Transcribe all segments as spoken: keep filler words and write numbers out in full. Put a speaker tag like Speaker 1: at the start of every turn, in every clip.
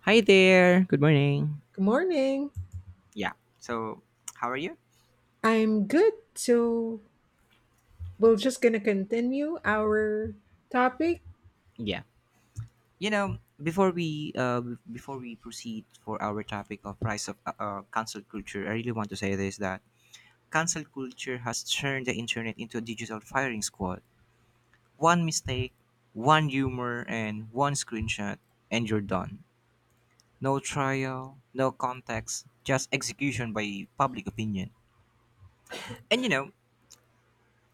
Speaker 1: Hi there. Good morning.
Speaker 2: Good morning.
Speaker 1: Yeah. So, how are you?
Speaker 2: I'm good. So we're just gonna continue our topic.
Speaker 1: Yeah. You know, before we uh, b- before we proceed for our topic of price of uh, uh, cancel culture, I really want to say this that cancel culture has turned the internet into a digital firing squad. One mistake, one humor, and one screenshot, and you're done. No trial, no context, just execution by public opinion. And you know,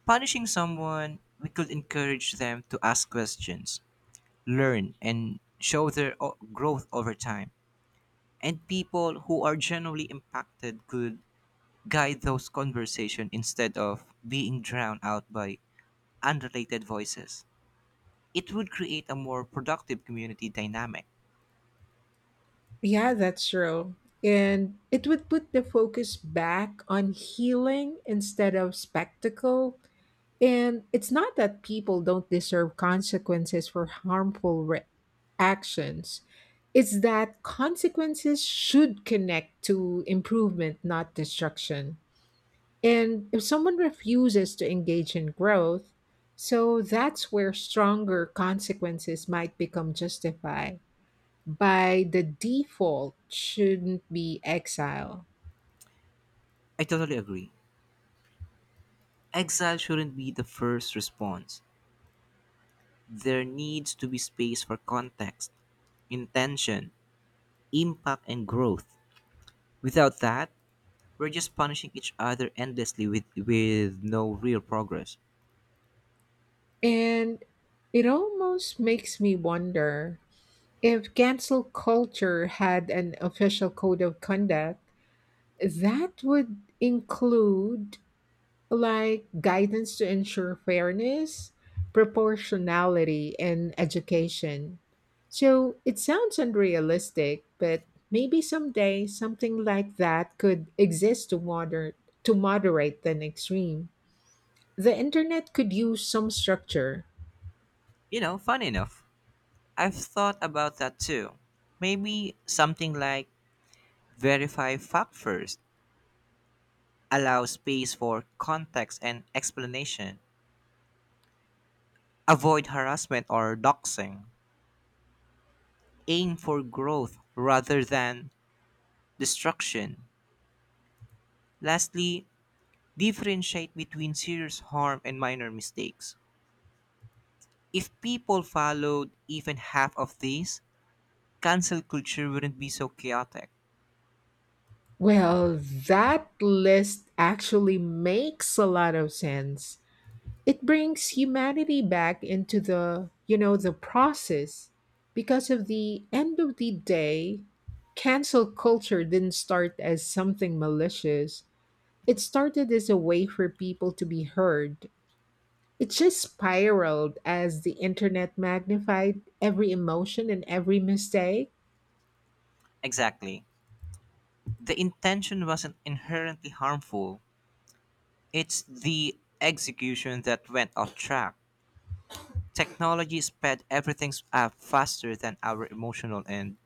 Speaker 1: punishing someone, we could encourage them to ask questions learn and show their o- growth over time. And people who are genuinely impacted could guide those conversations instead of being drowned out by unrelated voices. It would create a more productive community dynamic.
Speaker 2: Yeah, that's true. And it would put the focus back on healing instead of spectacle. And it's not that people don't deserve consequences for harmful re- actions. It's that consequences should connect to improvement, not destruction. And if someone refuses to engage in growth, so that's where stronger consequences might become justified. By the default, shouldn't be exile.
Speaker 1: I totally agree. Exile shouldn't be the first response. There needs to be space for context, intention, impact, and growth. Without that, we're just punishing each other endlessly with, with no real progress.
Speaker 2: And it almost makes me wonder if cancel culture had an official code of conduct that would include like guidance to ensure fairness, proportionality, and education. So it sounds unrealistic, but maybe someday something like that could exist to moder- to moderate the extreme. The internet could use some structure.
Speaker 1: You know, funny enough, I've thought about that too. Maybe something like verify fact first, allow space for context and explanation, avoid harassment or doxing, aim for growth rather than destruction. Lastly, differentiate between serious harm and minor mistakes. If people followed even half of these, cancel culture wouldn't be so chaotic.
Speaker 2: Well, that list actually makes a lot of sense. It brings humanity back into the, you know, the process because of the end of the day, cancel culture didn't start as something malicious. It started as a way for people to be heard. It just spiraled as the internet magnified every emotion and every mistake,
Speaker 1: Exactly. The intention wasn't inherently harmful, it's the execution that went off track. Technology sped everything up faster than our emotional and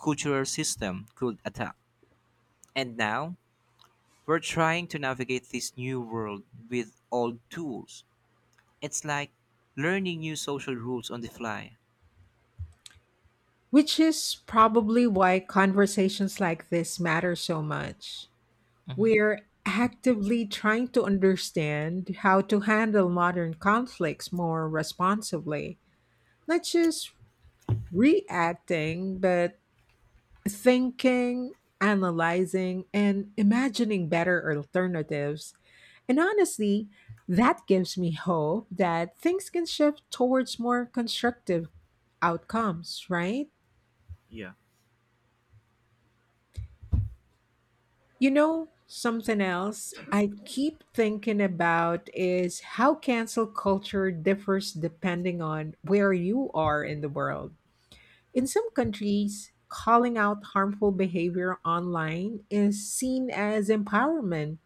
Speaker 1: cultural system could adapt. And now, we're trying to navigate this new world with old tools. It's like learning new social rules on the fly.
Speaker 2: which is probably why conversations like this matter so much.
Speaker 1: Mhm.
Speaker 2: We're actively trying to understand how to handle modern conflicts more responsibly, not just reacting, but thinking, analyzing, and imagining better alternatives. And honestly, that gives me hope that things can shift towards more constructive outcomes, right? You know, something else I keep thinking about is how cancel culture differs depending on where you are in the world. In some countries, calling out harmful behavior online is seen as empowerment,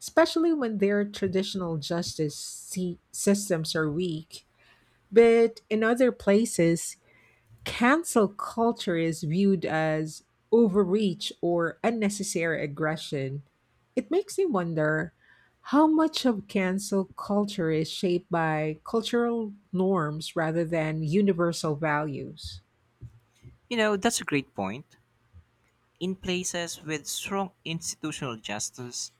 Speaker 2: especially when their traditional justice sy- systems are weak. But in other places, cancel culture is viewed as overreach or unnecessary aggression. It makes me wonder how much of cancel culture is shaped by cultural norms rather than universal values.
Speaker 1: You know, that's a great point. In places with strong institutional justice,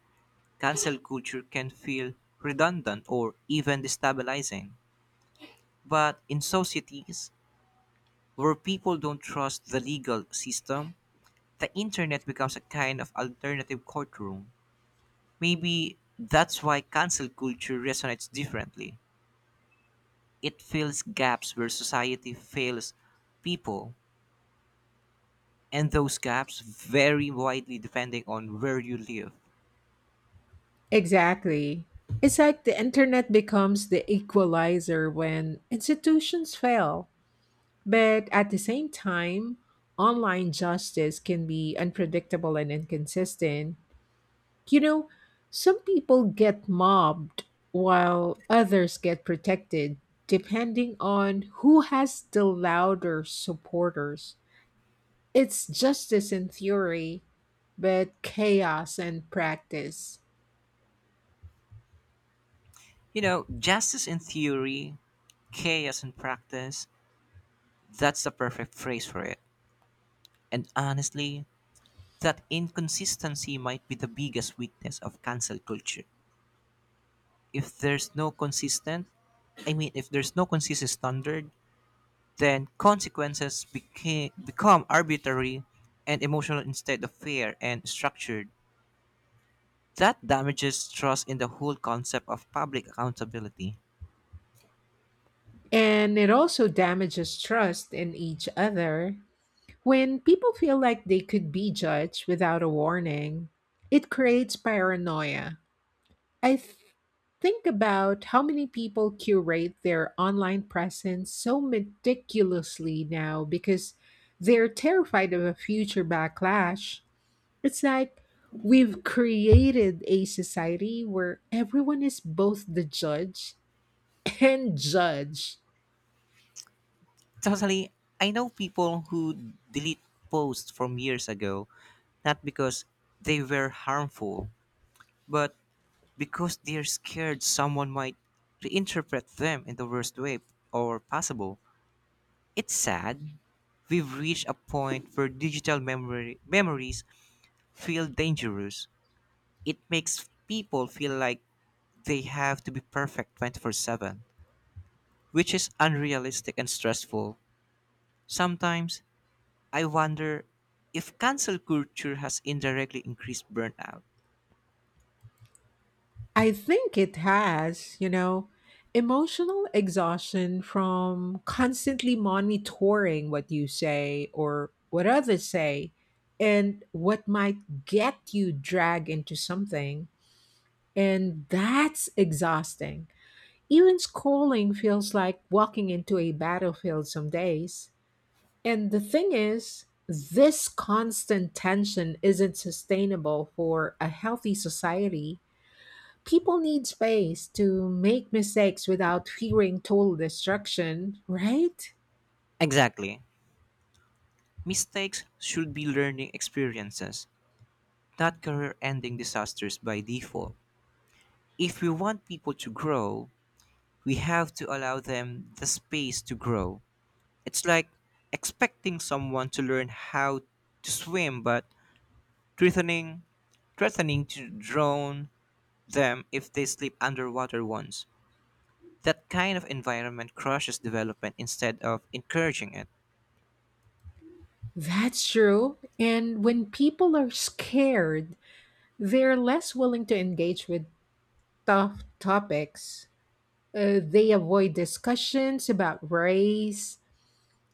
Speaker 1: cancel culture can feel redundant or even destabilizing. But in societies where people don't trust the legal system, the internet becomes a kind of alternative courtroom. Maybe that's why cancel culture resonates differently. It fills gaps where society fails people, and those gaps vary widely depending on where you live.
Speaker 2: Exactly. It's like the internet becomes the equalizer when institutions fail. But at the same time, online justice can be unpredictable and inconsistent. You know, some people get mobbed while others get protected, depending on who has the louder supporters. It's justice in theory, but chaos in practice.
Speaker 1: You know, justice in theory, chaos in practice, that's the perfect phrase for it. And honestly, that inconsistency might be the biggest weakness of cancel culture. if there's no consistent i mean if there's no consistent standard then consequences became, become arbitrary and emotional instead of fair and structured that damages trust in the whole concept of public accountability
Speaker 2: And it also damages trust in each other. When people feel like they could be judged without a warning, it creates paranoia. I th- think about how many people curate their online presence so meticulously now because they're terrified of a future backlash. It's like we've created a society where everyone is both the judge and judged.
Speaker 1: totally I know people who delete posts from years ago not because they were harmful but because they're scared someone might reinterpret them in the worst way or possible. It's sad, we've reached a point where digital memory memories feel dangerous. It makes people feel like they have to be perfect twenty-four seven, which is unrealistic and stressful. Sometimes I wonder if cancel culture has indirectly increased burnout.
Speaker 2: I think it has, you know, emotional exhaustion from constantly monitoring what you say or what others say and what might get you dragged into something. And that's exhausting. Even scrolling feels like walking into a battlefield some days. And the thing is, this constant tension isn't sustainable for a healthy society. People need space to make mistakes without fearing total destruction, right?
Speaker 1: Exactly. Mistakes should be learning experiences, not career ending disasters by default. If we want people to grow, we have to allow them the space to grow. It's like expecting someone to learn how to swim but threatening threatening to drown them if they sleep underwater once. That kind of environment crushes development instead of encouraging it.
Speaker 2: That's true. And when people are scared, they're less willing to engage with tough topics. Uh, they avoid discussions about race,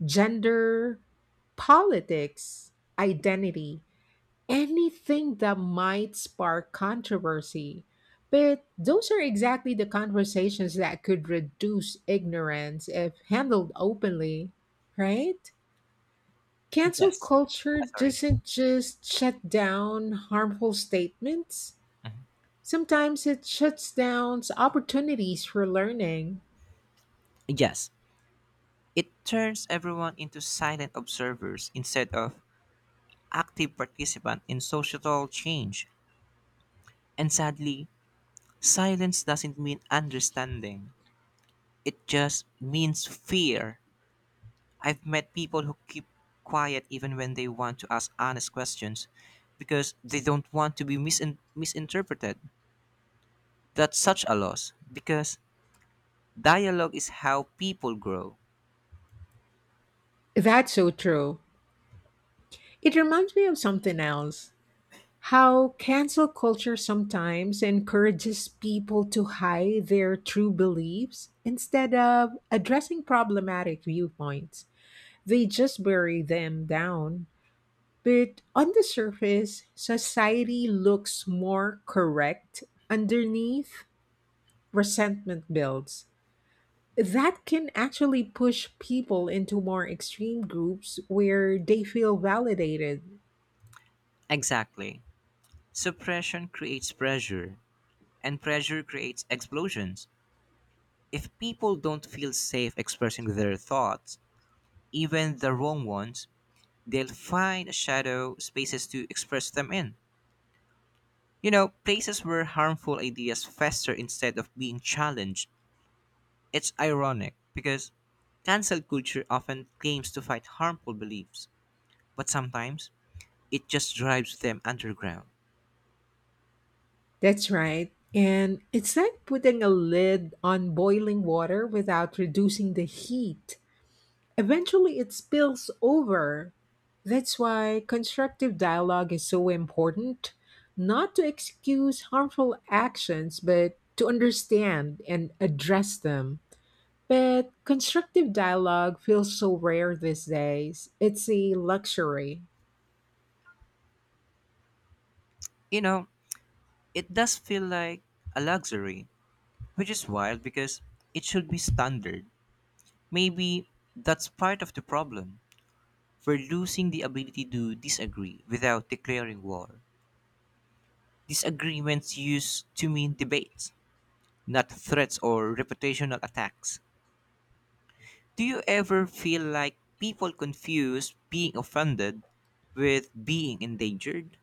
Speaker 2: gender, politics, identity, anything that might spark controversy. But those are exactly the conversations that could reduce ignorance if handled openly, right? Cancel
Speaker 1: Yes.
Speaker 2: culture
Speaker 1: Ah, sorry.
Speaker 2: doesn't just shut down harmful statements. Sometimes it shuts down opportunities for learning.
Speaker 1: Yes. It turns everyone into silent observers instead of active participant in societal change. And sadly, silence doesn't mean understanding. It just means fear. I've met people who keep quiet even when they want to ask honest questions because they don't want to be misin- misinterpreted. That's such a loss because dialogue is how people grow.
Speaker 2: That's so true. It reminds me of something else, how cancel culture sometimes encourages people to hide their true beliefs instead of addressing problematic viewpoints. They just bury them down. But on the surface, society looks more correct. Underneath, resentment builds. That can actually push people into more extreme groups where they feel validated.
Speaker 1: Exactly. Suppression creates pressure, and pressure creates explosions. If people don't feel safe expressing their thoughts, even the wrong ones, they'll find shadow spaces to express them in. You know, places where harmful ideas fester instead of being challenged. It's ironic because cancel culture often claims to fight harmful beliefs, but sometimes it just drives them underground.
Speaker 2: That's right. And it's like putting a lid on boiling water without reducing the heat. Eventually, it spills over. That's why constructive dialogue is so important, not to excuse harmful actions, but to understand and address them. But constructive dialogue feels so rare these days. It's a luxury.
Speaker 1: You know, it does feel like a luxury, which is wild because it should be standard. Maybe that's part of the problem. We're losing the ability to disagree without declaring war. Disagreements used to mean debates not threats or reputational attacks. Do you ever feel like people confuse being offended with being endangered?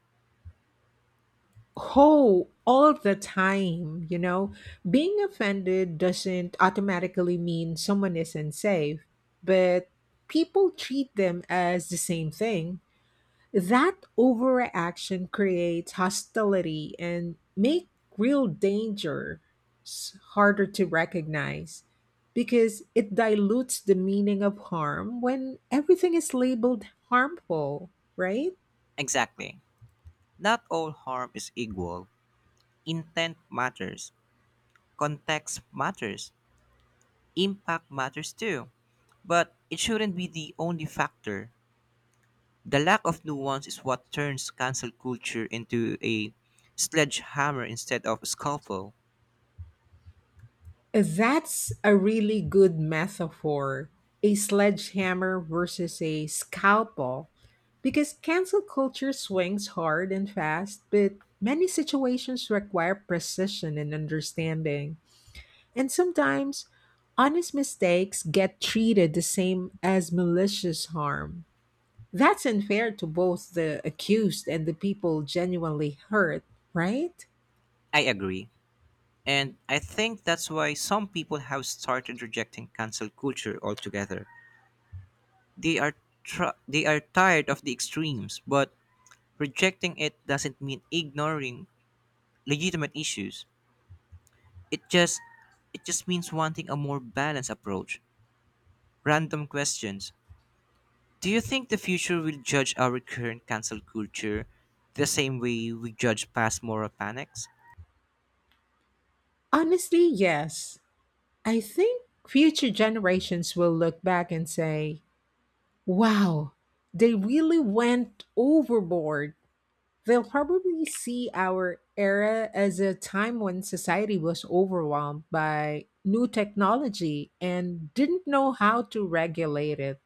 Speaker 2: Oh, all the time, you know. Being offended doesn't automatically mean someone isn't safe, but people treat them as the same thing. That overreaction creates hostility and make real danger s- harder to recognize because it dilutes the meaning of harm when everything is labeled harmful, right?
Speaker 1: Exactly. Not all harm is equal. Intent matters, context matters, impact matters too. But it shouldn't be the only factor. The lack of nuance is what turns cancel culture into a sledgehammer instead of a scalpel.
Speaker 2: That's a really good metaphor. A sledgehammer versus a scalpel. Because cancel culture swings hard and fast, but many situations require precision and understanding. And sometimes honest mistakes get treated the same as malicious harm. That's unfair to both the accused and the people genuinely hurt, right?
Speaker 1: I agree. And I think that's why some people have started rejecting cancel culture altogether. They are tr- they are tired of the extremes, but rejecting it doesn't mean ignoring legitimate issues. It just it just means wanting a more balanced approach. Random questions. Do you think the future will judge our current cancel culture the same way we judge past moral panics?
Speaker 2: Honestly, yes. I think future generations will look back and say, wow, they really went overboard. They'll probably see our era as a time when society was overwhelmed by new technology and didn't know how to regulate it.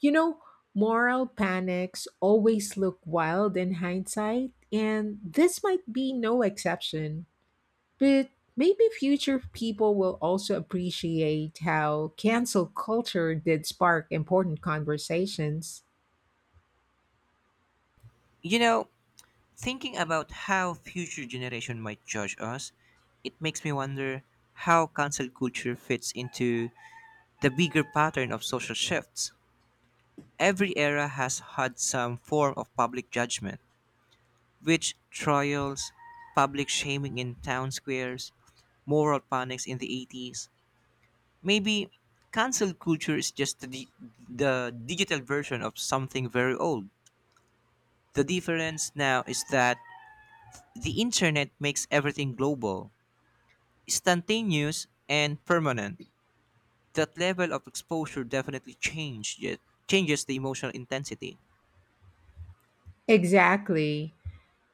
Speaker 2: You know, moral panics always look wild in hindsight, and this might be no exception. But maybe future people will also appreciate how cancel culture did spark important conversations.
Speaker 1: You know, Thinking about how future generation might judge us, it makes me wonder how cancel culture fits into the bigger pattern of social shifts. Every era has had some form of public judgment, which trials, public shaming in town squares, moral panics in the eighties. Maybe cancel culture is just the, di- the digital version of something very old. The difference now is that the internet makes everything global, instantaneous and permanent. That level of exposure definitely changed it, changes the emotional intensity.
Speaker 2: Exactly.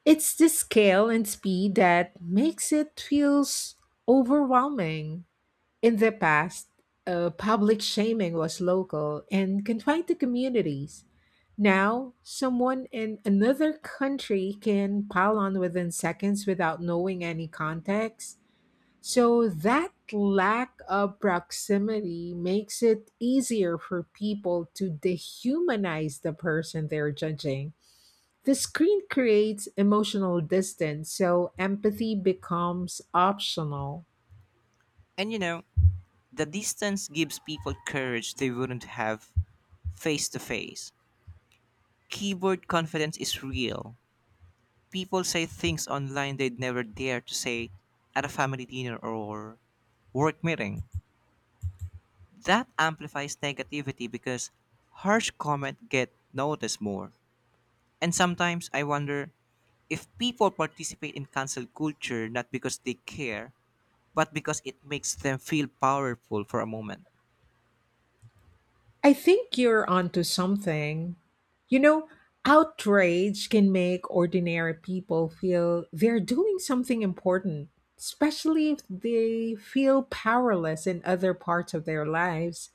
Speaker 2: It's the scale and speed that makes it feels overwhelming. In the past, uh, public shaming was local and confined to communities. Now, someone in another country can pile on within seconds without knowing any context. So, that lack of proximity makes it easier for people to dehumanize the person they're judging. The screen creates emotional distance, so empathy becomes optional.
Speaker 1: And you know, the distance gives people courage they wouldn't have face to face. Keyboard confidence is real. People say things online they'd never dare to say at a family dinner or work meeting. That amplifies negativity because harsh comment get noticed more. And sometimes I wonder if people participate in cancel culture not because they care, but because it makes them feel powerful for a moment.
Speaker 2: I think you're onto something. You know, outrage can make ordinary people feel they're doing something important, especially if they feel powerless in other parts of their lives.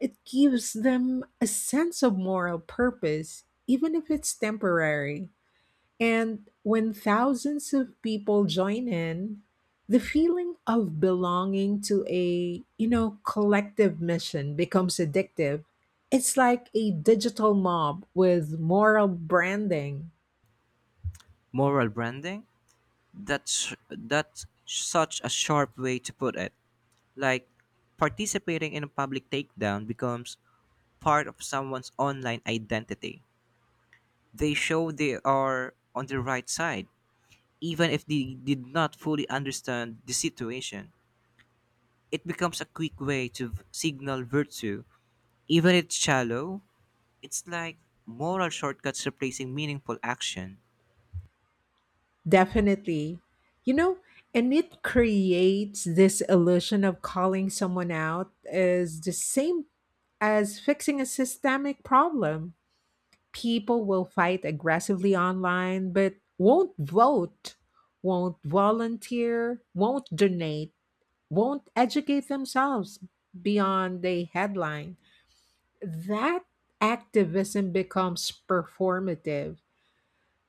Speaker 2: It gives them a sense of moral purpose, even if it's temporary. And when thousands of people join in, the feeling of belonging to a, you know, collective mission becomes addictive. It's like a digital mob with moral branding.
Speaker 1: Moral branding? That's that's such a sharp way to put it. Like participating in a public takedown becomes part of someone's online identity. They show they are on the right side, even if they did not fully understand the situation. It becomes a quick way to v- signal virtue even it's shallow, it's like moral shortcuts replacing meaningful action.
Speaker 2: Definitely. You know, and it creates this illusion of calling someone out as the same as fixing a systemic problem. People will fight aggressively online but won't vote, won't volunteer, won't donate, won't educate themselves beyond a headline. That activism becomes performative.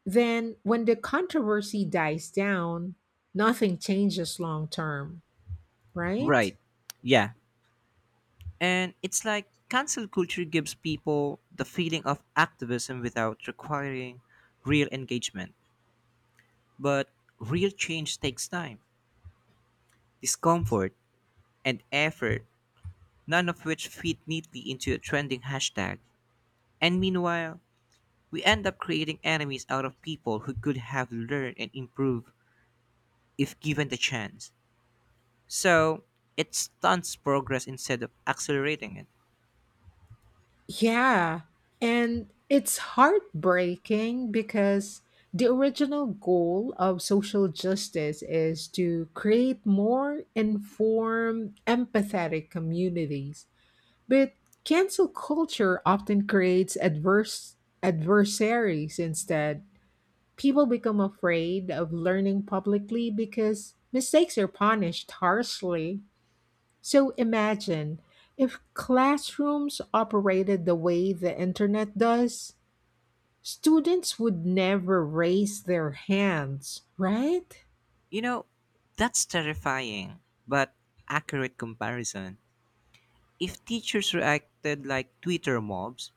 Speaker 2: Then, when the controversy dies down, nothing changes long term, right?
Speaker 1: Right. Yeah. And it's like cancel culture gives people the feeling of activism without requiring real engagement. But real change takes time, discomfort, and effort, none of which fit neatly into a trending hashtag. And meanwhile, we end up creating enemies out of people who could have learned and improved if given the chance. So it stunts progress instead of accelerating it.
Speaker 2: Yeah, and it's heartbreaking because the original goal of social justice is to create more informed, empathetic communities. But cancel culture often creates adverse adversaries instead. People become afraid of learning publicly because mistakes are punished harshly. So imagine if classrooms operated the way the internet does, students would never raise their hands, right?
Speaker 1: You know, that's terrifying, but accurate comparison. If teachers reacted like Twitter mobs,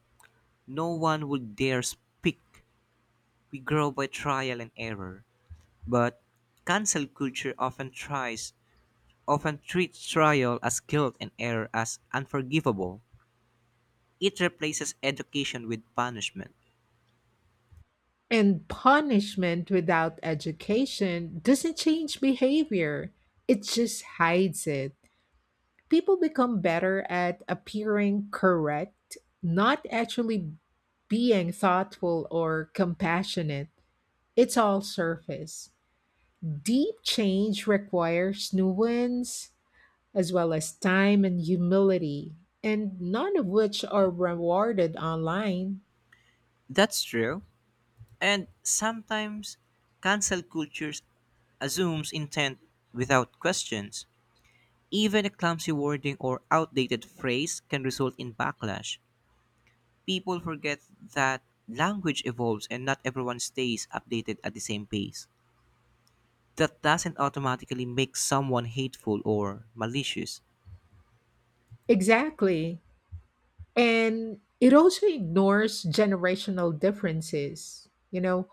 Speaker 1: no one would dare speak. We grow by trial and error. But cancel culture often tries often treats trial as guilt and error as unforgivable. It replaces education with punishment.
Speaker 2: And punishment without education doesn't change behavior, it just hides it. People become better at appearing correct, not actually being thoughtful or compassionate. It's all surface. Deep change requires nuance as well as time and humility, and none of which are rewarded online.
Speaker 1: That's true. And sometimes cancel culture assumes intent without questions. Even a clumsy wording or outdated phrase can result in backlash. People forget that language evolves and not everyone stays updated at the same pace. That doesn't automatically make someone hateful or malicious.
Speaker 2: Exactly. And it also ignores generational differences. You know,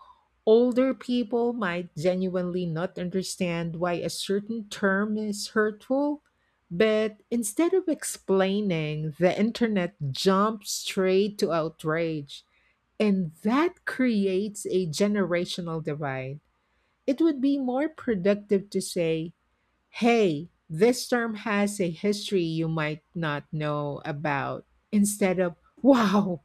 Speaker 2: older people might genuinely not understand why a certain term is hurtful, but instead of explaining, the internet jumps straight to outrage. And that creates a generational divide. It would be more productive to say, hey, this term has a history you might not know about, instead of, wow,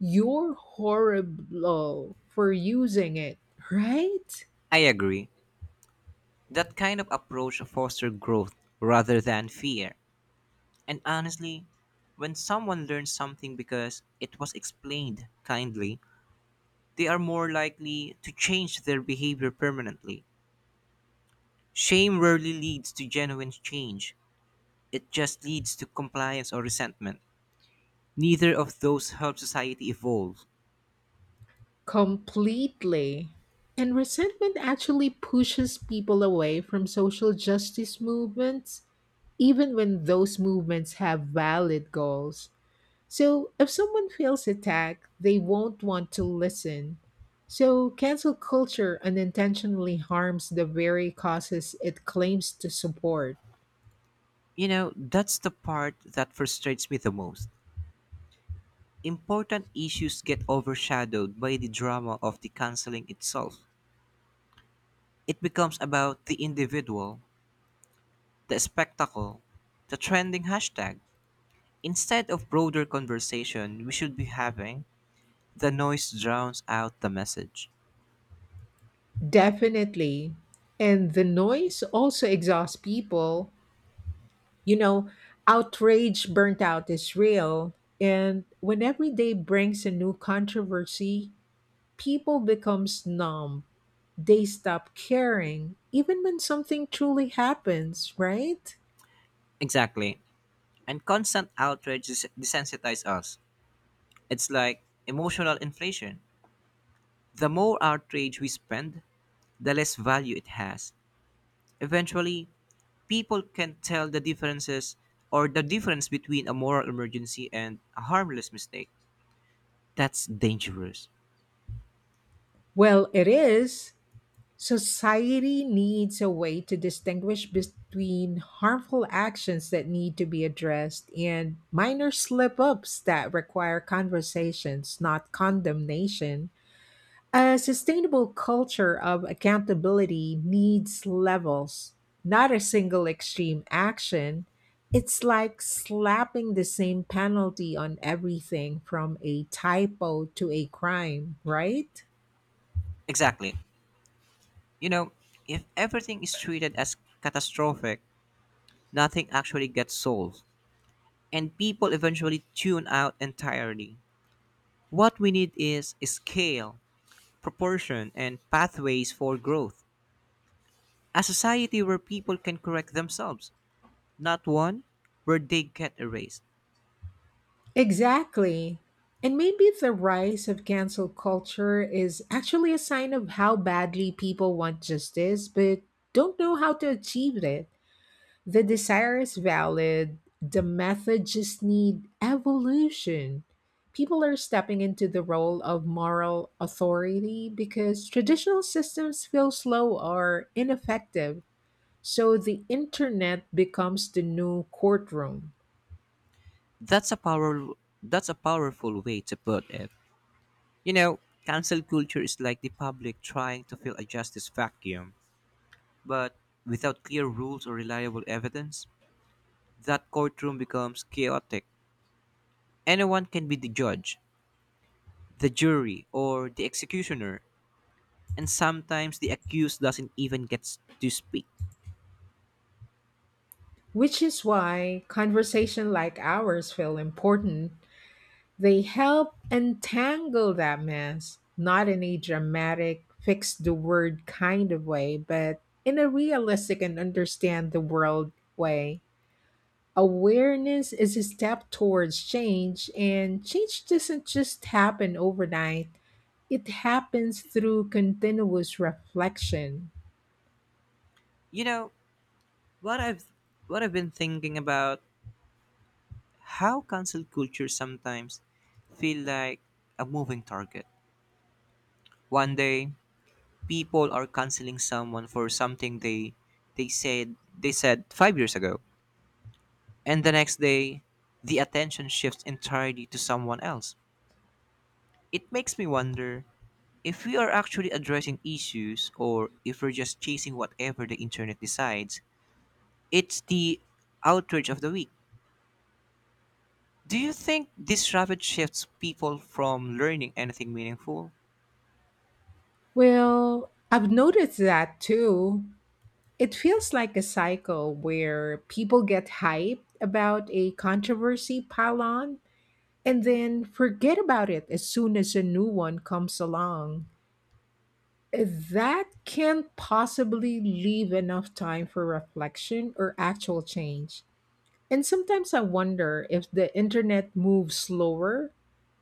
Speaker 2: you're horrible for using it, right?
Speaker 1: I agree. That kind of approach fosters growth rather than fear. And honestly, when someone learns something because it was explained kindly, they are more likely to change their behavior permanently. Shame rarely leads to genuine change, it just leads to compliance or resentment. Neither of those help society evolve.
Speaker 2: Completely. And resentment actually pushes people away from social justice movements, even when those movements have valid goals. So if someone feels attacked, they won't want to listen. So cancel culture unintentionally harms the very causes it claims to support.
Speaker 1: You know, that's the part that frustrates me the most. Important issues get overshadowed by the drama of the canceling itself. It becomes about the individual, the spectacle, the trending hashtag, instead of broader conversation, we should be having the noise drowns out the message.
Speaker 2: Definitely. And the noise also exhausts people. You know, outrage burnt out is real. And when every day brings a new controversy, people becomes numb. They stop caring, even when something truly happens, right?
Speaker 1: Exactly. And constant outrage des- desensitizes us. It's like emotional inflation. The more outrage we spend, the less value it has. Eventually, people can tell the differences or the difference between a moral emergency and a harmless mistake. That's dangerous.
Speaker 2: Well, it is. Society needs a way to distinguish between harmful actions that need to be addressed and minor slip ups that require conversations, not condemnation. A sustainable culture of accountability needs levels, not a single extreme action. It's like slapping the same penalty on everything from a typo to a crime, right?
Speaker 1: Exactly. You know, if everything is treated as catastrophic, nothing actually gets solved. And people eventually tune out entirely. What we need is scale, proportion, and pathways for growth. A society where people can correct themselves, not one where they get erased.
Speaker 2: Exactly. And maybe the rise of cancel culture is actually a sign of how badly people want justice, but don't know how to achieve it. The desire is valid, the method just need evolution. People are stepping into the role of moral authority because traditional systems feel slow or ineffective. So the internet becomes the new courtroom.
Speaker 1: That's a power that's a powerful way to put it. You know, cancel culture is like the public trying to fill a justice vacuum, but without clear rules or reliable evidence, that courtroom becomes chaotic. Anyone can be the judge, the jury or the executioner, and sometimes the accused doesn't even get to speak.
Speaker 2: Which is why conversation like ours feel important. They help untangle that mess, not in a dramatic, fix the word kind of way, but in a realistic and understand the world way. Awareness is a step towards change, and change doesn't just happen overnight. It happens through continuous reflection.
Speaker 1: You know what I've what I've been thinking about how cancel culture sometimes feel like a moving target. One day, people are canceling someone for something they they said they said five years ago, and the next day, the attention shifts entirely to someone else. It makes me wonder if we are actually addressing issues or if we're just chasing whatever the internet decides, it's the outrage of the week. Do you think this rapid shifts people from learning anything meaningful?
Speaker 2: Well, I've noticed that too. It feels like a cycle where people get hyped about a controversy pile on and then forget about it as soon as a new one comes along. That can't possibly leave enough time for reflection or actual change. And sometimes I wonder if the internet moves slower,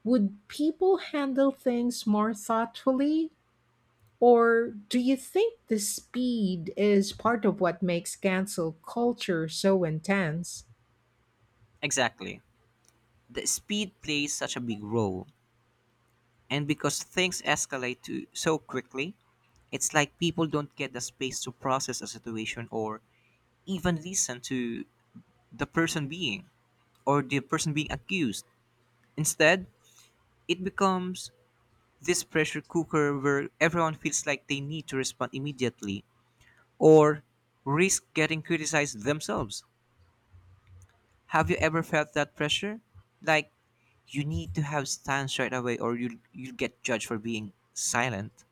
Speaker 2: would people handle things more thoughtfully or do you think the speed is part of what makes cancel culture so intense?
Speaker 1: Exactly. The speed plays such a big role. And because things escalate to so quickly, it's like people don't get the space to process a situation or even listen to the person being or the person being accused. Instead, it becomes this pressure cooker where everyone feels like they need to respond immediately or risk getting criticized themselves. Have you ever felt that pressure? Like you need to have stance right away or you you get judged for being silent.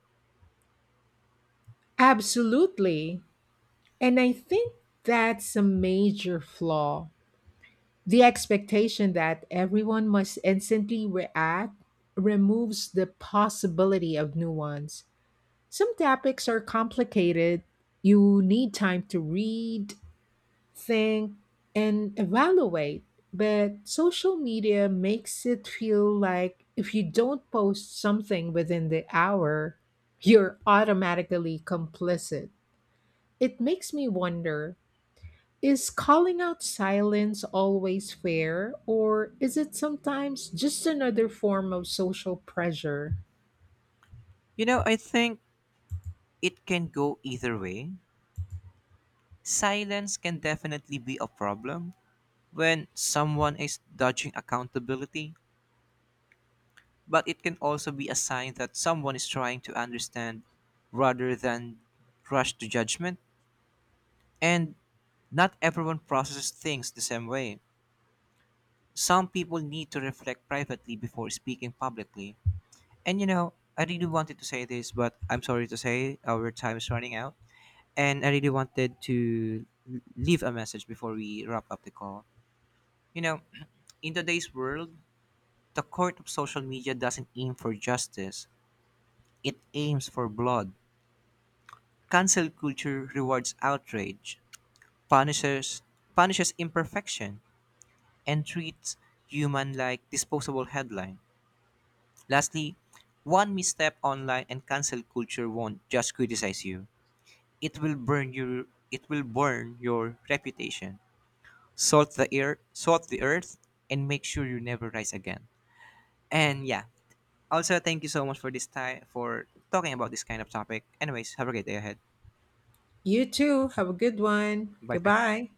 Speaker 2: Absolutely. And I think that's a major flaw. The expectation that everyone must instantly react removes the possibility of nuance. Some topics are complicated. You need time to read, think, and evaluate. But social media makes it feel like if you don't post something within the hour, you're automatically complicit. It makes me wonder, is calling out silence always fair, or is it sometimes just another form of social pressure?
Speaker 1: You know, I think it can go either way. Silence can definitely be a problem when someone is dodging accountability but it can also be a sign that someone is trying to understand rather than rush to judgment. And not everyone processes things the same way. Some people need to reflect privately before speaking publicly. And you know, I really wanted to say this, but I'm sorry to say our time is running out. And I really wanted to l- leave a message before we wrap up the call. You know, in today's world, the court of social media doesn't aim for justice, it aims for blood cancel culture rewards outrage, punishes punishes imperfection, and treats human like disposable headline. Lastly, one misstep online and cancel culture won't just criticize you. It will burn your it will burn your reputation. Salt the air salt the earth and make sure you never rise again. And yeah. Also thank you so much for this time for talking about this kind of topic. Anyways, have a great day ahead.
Speaker 2: You too, have a good one.
Speaker 1: Bye for
Speaker 2: Goodbye.